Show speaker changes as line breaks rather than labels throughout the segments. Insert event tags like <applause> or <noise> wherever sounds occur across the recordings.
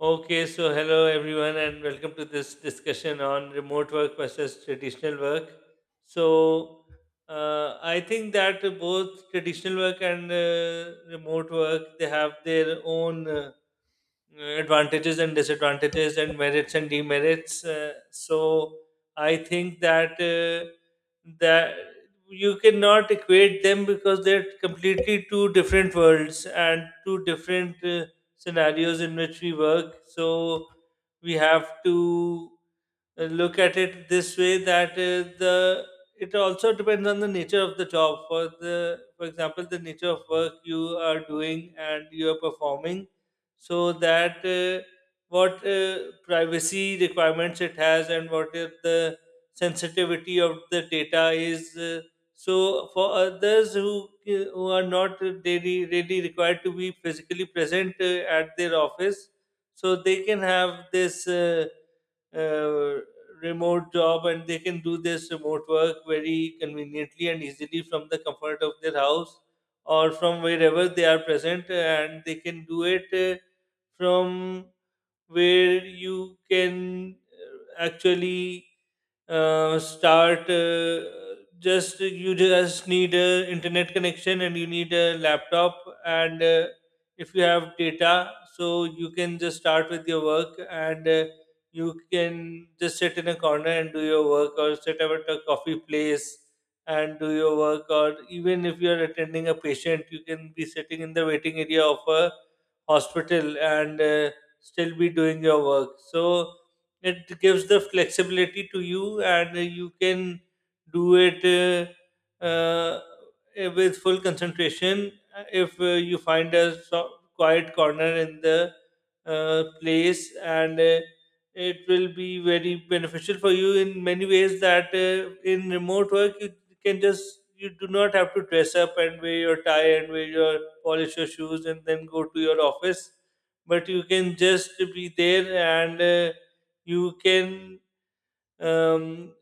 Okay, so hello everyone, and welcome to this discussion on remote work versus traditional work. So I think that both traditional work and remote work they have their own advantages and disadvantages and merits and demerits. So I think that you cannot equate them because they're completely two different worlds and two different scenarios in which we work. So we have to look at it this way that the it also depends on the nature of the job for the for example the nature of work you are doing and you are performing so that what privacy requirements it has and what if the sensitivity of the data is so for others who are not really, really required to be physically present at their office, so they can have this uh, remote job and they can do this remote work very conveniently and easily from the comfort of their house or from wherever they are present, and they can do it from where you can actually start. Just you just need a internet connection and you need a laptop and if you have data, so you can just start with your work and you can just sit in a corner and do your work, or sit up at a coffee place and do your work, or even if you are attending a patient, you can be sitting in the waiting area of a hospital and still be doing your work. So it gives the flexibility to you and you can do it uh, uh, with full concentration. If you find a quiet corner in the place and it will be very beneficial for you in many ways that in remote work you can just you do not have to dress up and wear your tie and wear your polish your shoes and then go to your office, but you can just be there and you can um,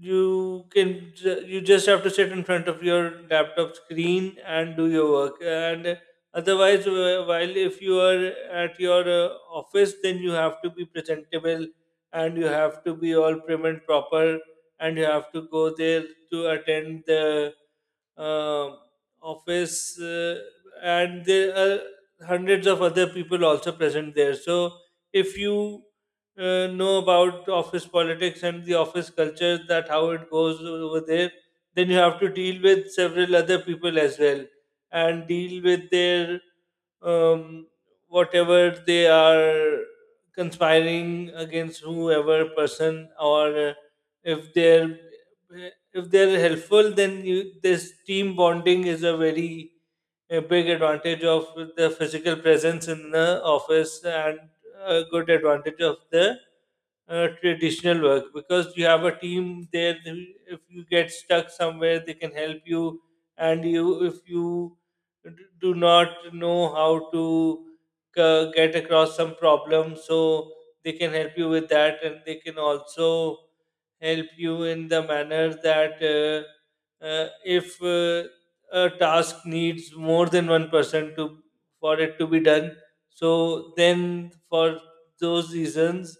you can you just have to sit in front of your laptop screen and do your work. And otherwise while if you are at your office, then you have to be presentable and you have to be all prim and proper and you have to go there to attend the uh, office, and there are hundreds of other people also present there. So if you know about office politics and the office culture, that how it goes over there, then you have to deal with several other people as well and deal with their um, whatever they are conspiring against whoever person, or if they're if they're helpful, then you, this team bonding is a very a big advantage of the physical presence in the office, and a good advantage of the traditional work, because you have a team there. If you get stuck somewhere, they can help you. And you, if you d- do not know how to get across some problem, so they can help you with that, and they can also help you in the manner that if a task needs more than one person to for it to be done, so then for those reasons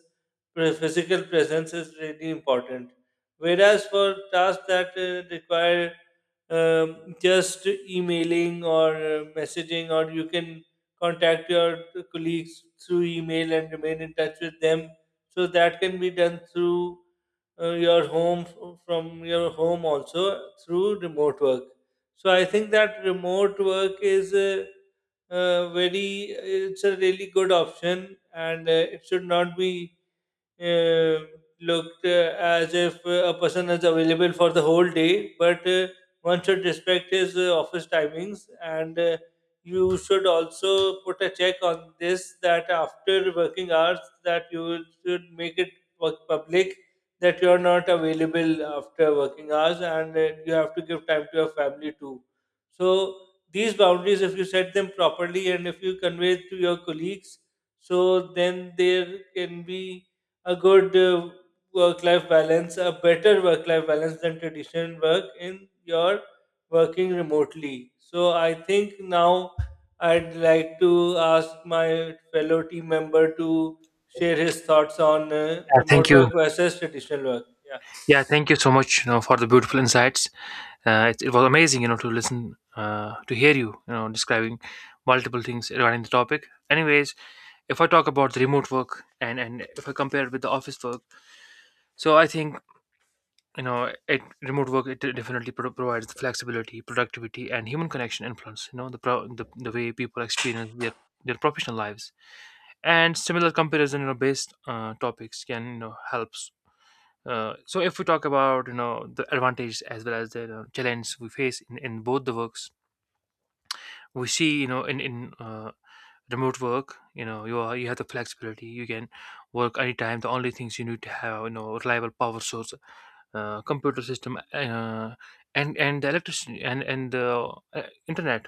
physical presence is really important, whereas for tasks that require just emailing or messaging, or you can contact your colleagues through email and remain in touch with them, so that can be done through your home from your home also through remote work. So I think that remote work is very, it's a really good option, and it should not be uh, looked as if a person is available for the whole day, but one should respect his office timings, and you should also put a check on this, that after working hours, that you should make it work public, that you are not available after working hours, and you have to give time to your family too. So these boundaries, if you set them properly and if you convey it to your colleagues, so then there can be a good work life balance, a better work life balance than traditional work in your working remotely. So I think now I'd like to ask my fellow team member to share his thoughts on
Yeah,
remote
thank you.
work versus traditional work. Yeah.
Yeah, thank you so much, you know, for the beautiful insights. It was amazing, you know, to listen, to hear you, you know, describing multiple things regarding the topic. Anyways, if I talk about the remote work and if I compare it with the office work, so I think, you know, it remote work it definitely provides the flexibility, productivity, and human connection influence. You know, the the way people experience their professional lives and similar comparison, you know, based topics can, you know, help. So if we talk about, you know, the advantages as well as the, you know, challenge we face in both the works, we see, you know, in remote work, you know, you have the flexibility. You can work anytime. The only things you need to have, you know, reliable power source, computer system, and the electricity and the internet.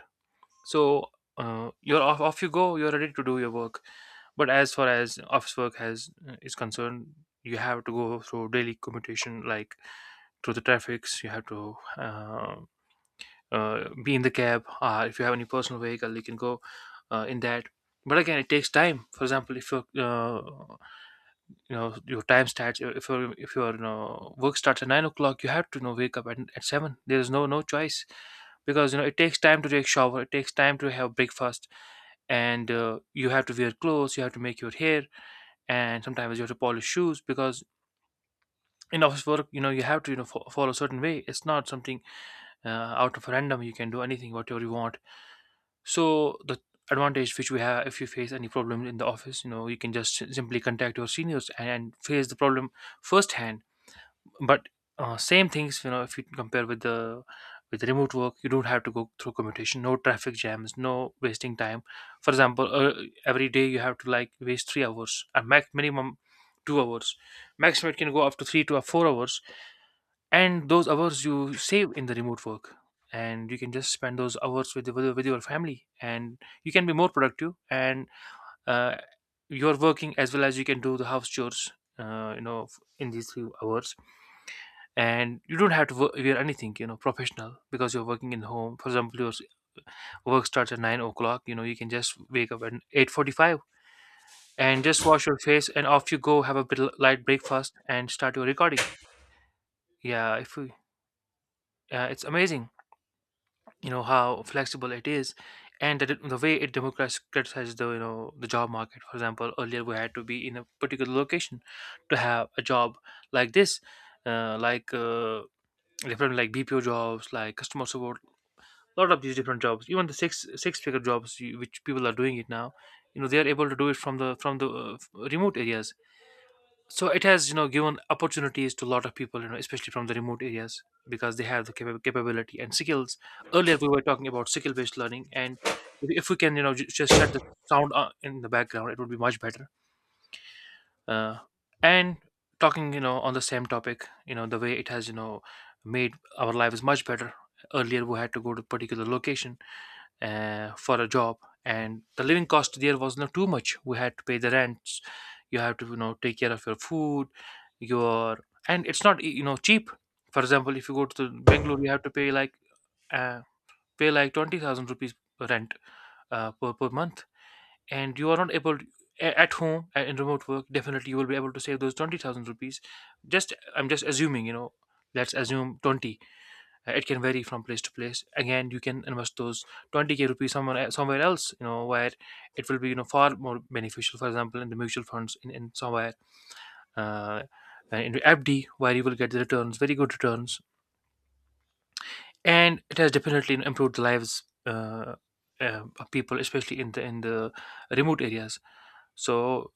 So you're off you go. You're ready to do your work. But as far as office work has is concerned, you have to go through daily commutation, like through the traffics. You have to be in the cab, or if you have any personal vehicle, you can go in that. But again, it takes time. For example, if you're you know, your time starts, if your you know, work starts at 9 o'clock, you have to, you know, wake up at seven. There is no choice, because, you know, it takes time to take shower, it takes time to have breakfast, and you have to wear clothes, you have to make your hair, and sometimes you have to polish shoes, because in office work, you know, you have to, you know, follow a certain way. It's not something out of random you can do anything whatever you want. So the advantage which we have, if you face any problem in the office, you know, you can just simply contact your seniors and face the problem firsthand. But same things, you know, if you compare with the with remote work, you don't have to go through commutation, no traffic jams, no wasting time. For example, every day you have to like waste 3 hours at max, minimum 2 hours, maximum it can go up to 3 to 4 hours, and those hours you save in the remote work, and you can just spend those hours with your family, and you can be more productive, and uh, you're working, as well as you can do the house chores, you know, in these few hours, and you don't have to wear anything, you know, professional, because you're working in home. For example, your work starts at 9 o'clock, you know, you can just wake up at 8:45 and just wash your face and off you go, have a bit light breakfast and start your recording. Yeah if we, It's amazing, you know, how flexible it is, and that it, the way it democratizes the, you know, the job market. For example, earlier we had to be in a particular location to have a job like this, like different like bpo jobs like customer support. A lot of these different jobs, even the six figure jobs which people are doing it now, you know, they are able to do it from the from the remote areas. So it has, you know, given opportunities to a lot of people, you know, especially from the remote areas, because they have the capability and skills. Earlier we were talking about skill based learning, and if we can, you know, just shut the sound in the background, it would be much better. Uh, and talking, you know, on the same topic, you know, the way it has, you know, made our lives much better. Earlier we had to go to particular location for a job, and the living cost there was not too much. We had to pay the rents, you have to, you know, take care of your food, your, and it's not, you know, cheap. For example, if you go to the bangalore, you have to pay like, uh, pay like 20,000 rupees rent, per month, and you are not able to, at home, in remote work, definitely you will be able to save those 20,000 rupees, just I'm just assuming, you know, let's assume 20, it can vary from place to place. Again, you can invest those 20k rupees somewhere, somewhere else, you know, where it will be, you know, far more beneficial. For example, in the mutual funds, in somewhere, uh, in fd, where you will get the returns, very good returns. And it has definitely improved the lives, of people, especially in the remote areas. So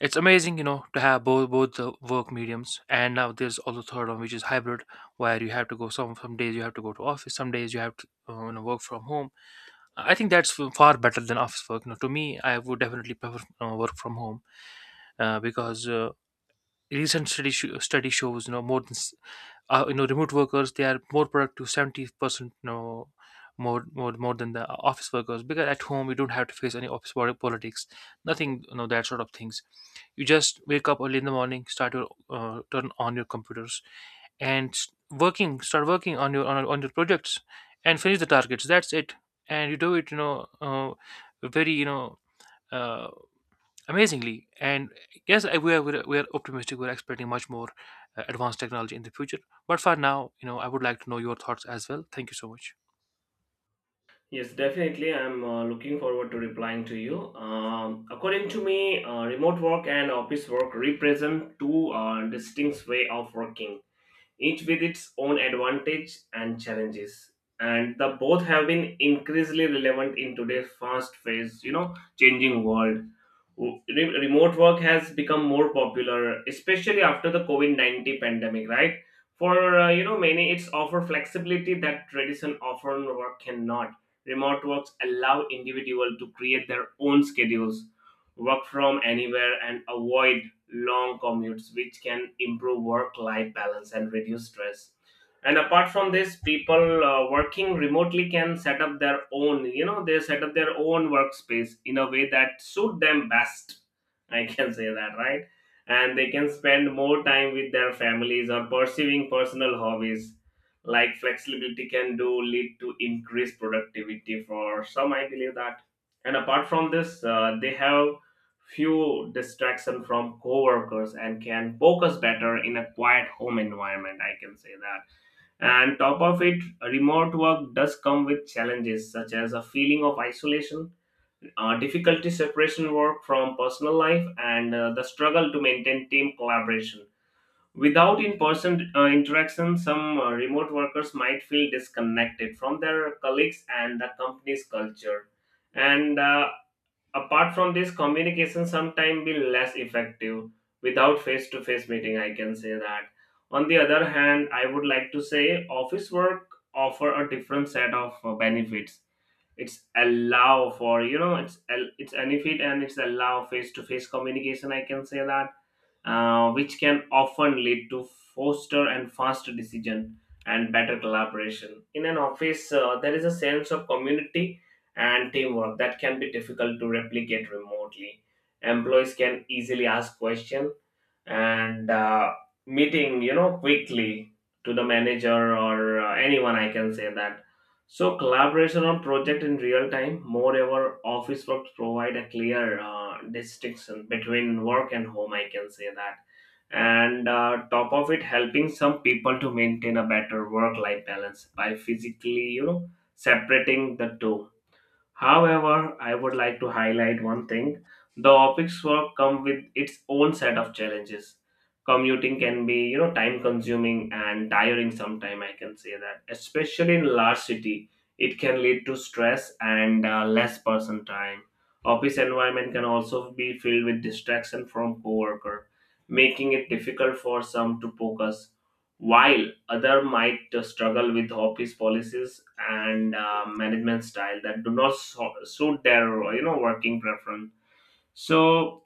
it's amazing, you know, to have both both the work mediums. And now there's also third one, which is hybrid, where you have to go some days, you have to go to office, some days you have to, you know, work from home. I think that's far better than office work. You know, to me, I would definitely prefer work from home, because recent study shows, you know, more than, you know, remote workers, they are more productive 70%, you know, more than the office workers, because at home you don't have to face any office politics, nothing, you know, that sort of things. You just wake up early in the morning, start your, turn on your computers, and s- working start working on your on your projects and finish the targets, that's it. And you do it, you know, very uh, amazingly. And yes, we are optimistic. We're expecting much more advanced technology in the future. But for now, you know, I would like to know your thoughts as well. Thank you so much.
Yes, definitely. I'm looking forward to replying to you. According to me, remote work and office work represent two distinct way of working, each with its own advantage and challenges. And the both have been increasingly relevant in today's fast-paced, changing world. Re- Remote work has become more popular, especially after the COVID-19 pandemic, right? For many, it's offer flexibility that tradition often work cannot. Remote works allow individual to create their own schedules, work from anywhere, and avoid long commutes, which can improve work life balance and reduce stress. And apart from this, people working remotely can set up their own, they set up their own workspace in a way that suit them best. I can <laughs> say that, right? And they can spend more time with their families or pursuing personal hobbies. Like flexibility can do lead to increased productivity for some, I believe that. And apart from this, they have few distraction from coworkers and can focus better in a quiet home environment, I can say that. And top of it, remote work does come with challenges such as a feeling of isolation, difficulty separation work from personal life, and the struggle to maintain team collaboration without in-person interaction. Some remote workers might feel disconnected from their colleagues and the company's culture. And apart from this, communication sometimes be less effective without face to face meeting, I can say that. On the other hand, I would like to say office work offer a different set of benefits. It's allow for, it's benefit, and it's allow face to face communication, I can say that. Which can often lead to faster and faster decision and better collaboration. In an office, there is a sense of community and teamwork that can be difficult to replicate remotely. Employees can easily ask questions and meeting, quickly to the manager or anyone, I can say that. So collaboration on project in real time. Moreover, office work provide a clear distinction between work and home, I can say that. And top of it, helping some people to maintain a better work life balance by physically, separating the two. However, I would like to highlight one thing. The office work come with its own set of challenges. Commuting can be, time consuming and tiring sometime, I can say that. Especially in large city, it can lead to stress and less person time. Office environment can also be filled with distraction from coworker, making it difficult for some to focus. While other might struggle with office policies and management style that do not suit their working preference. So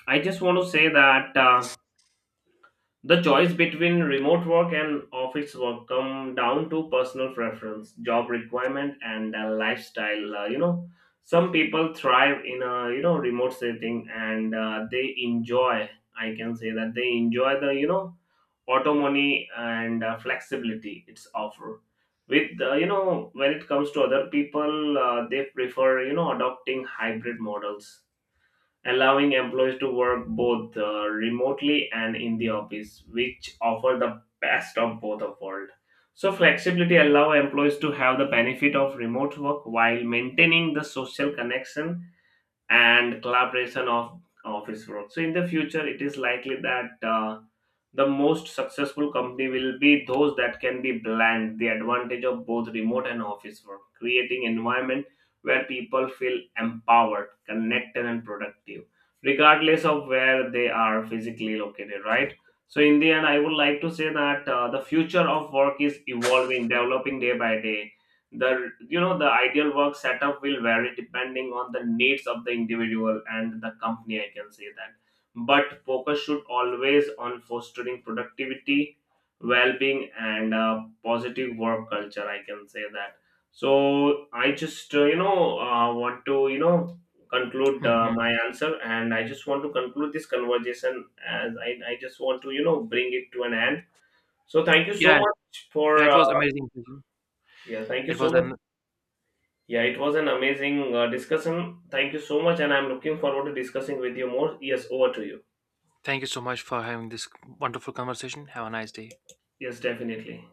I just want to say that, the choice between remote work and office work come down to personal preference, job requirement, and lifestyle. Some people thrive in a, remote setting, and they enjoy, I can say that, they enjoy the, autonomy and flexibility it's offer. With you know when it comes to other people, they prefer, adopting hybrid models, allowing employees to work both remotely and in the office, which offer the best of both of world. So flexibility allow employees to have the benefit of remote work while maintaining the social connection and collaboration of office work. So in the future, it is likely that, the most successful company will be those that can be blend the advantage of both remote and office work, creating environment where people feel empowered, connected, and productive, regardless of where they are physically located, right? So in the end, I would like to say that, the future of work is evolving, developing day by day. The you know the ideal work setup will vary depending on the needs of the individual and the company, I can say that. But focus should always on fostering productivity, well-being, and positive work culture, I can say that. So I just want to, conclude
Hmm.
my answer, and I just want to conclude this conversation as I just want to, bring it to an end. So thank you so
Yeah,
much
yeah,
for,
it was amazing.
yeah, thank you
It
so
was
much.
an.
Yeah, it was an amazing discussion. Thank you so much, and I'm looking forward to discussing with you more. Yes, over to you.
Thank you so much for having this wonderful conversation. Have a nice day.
Yes, definitely.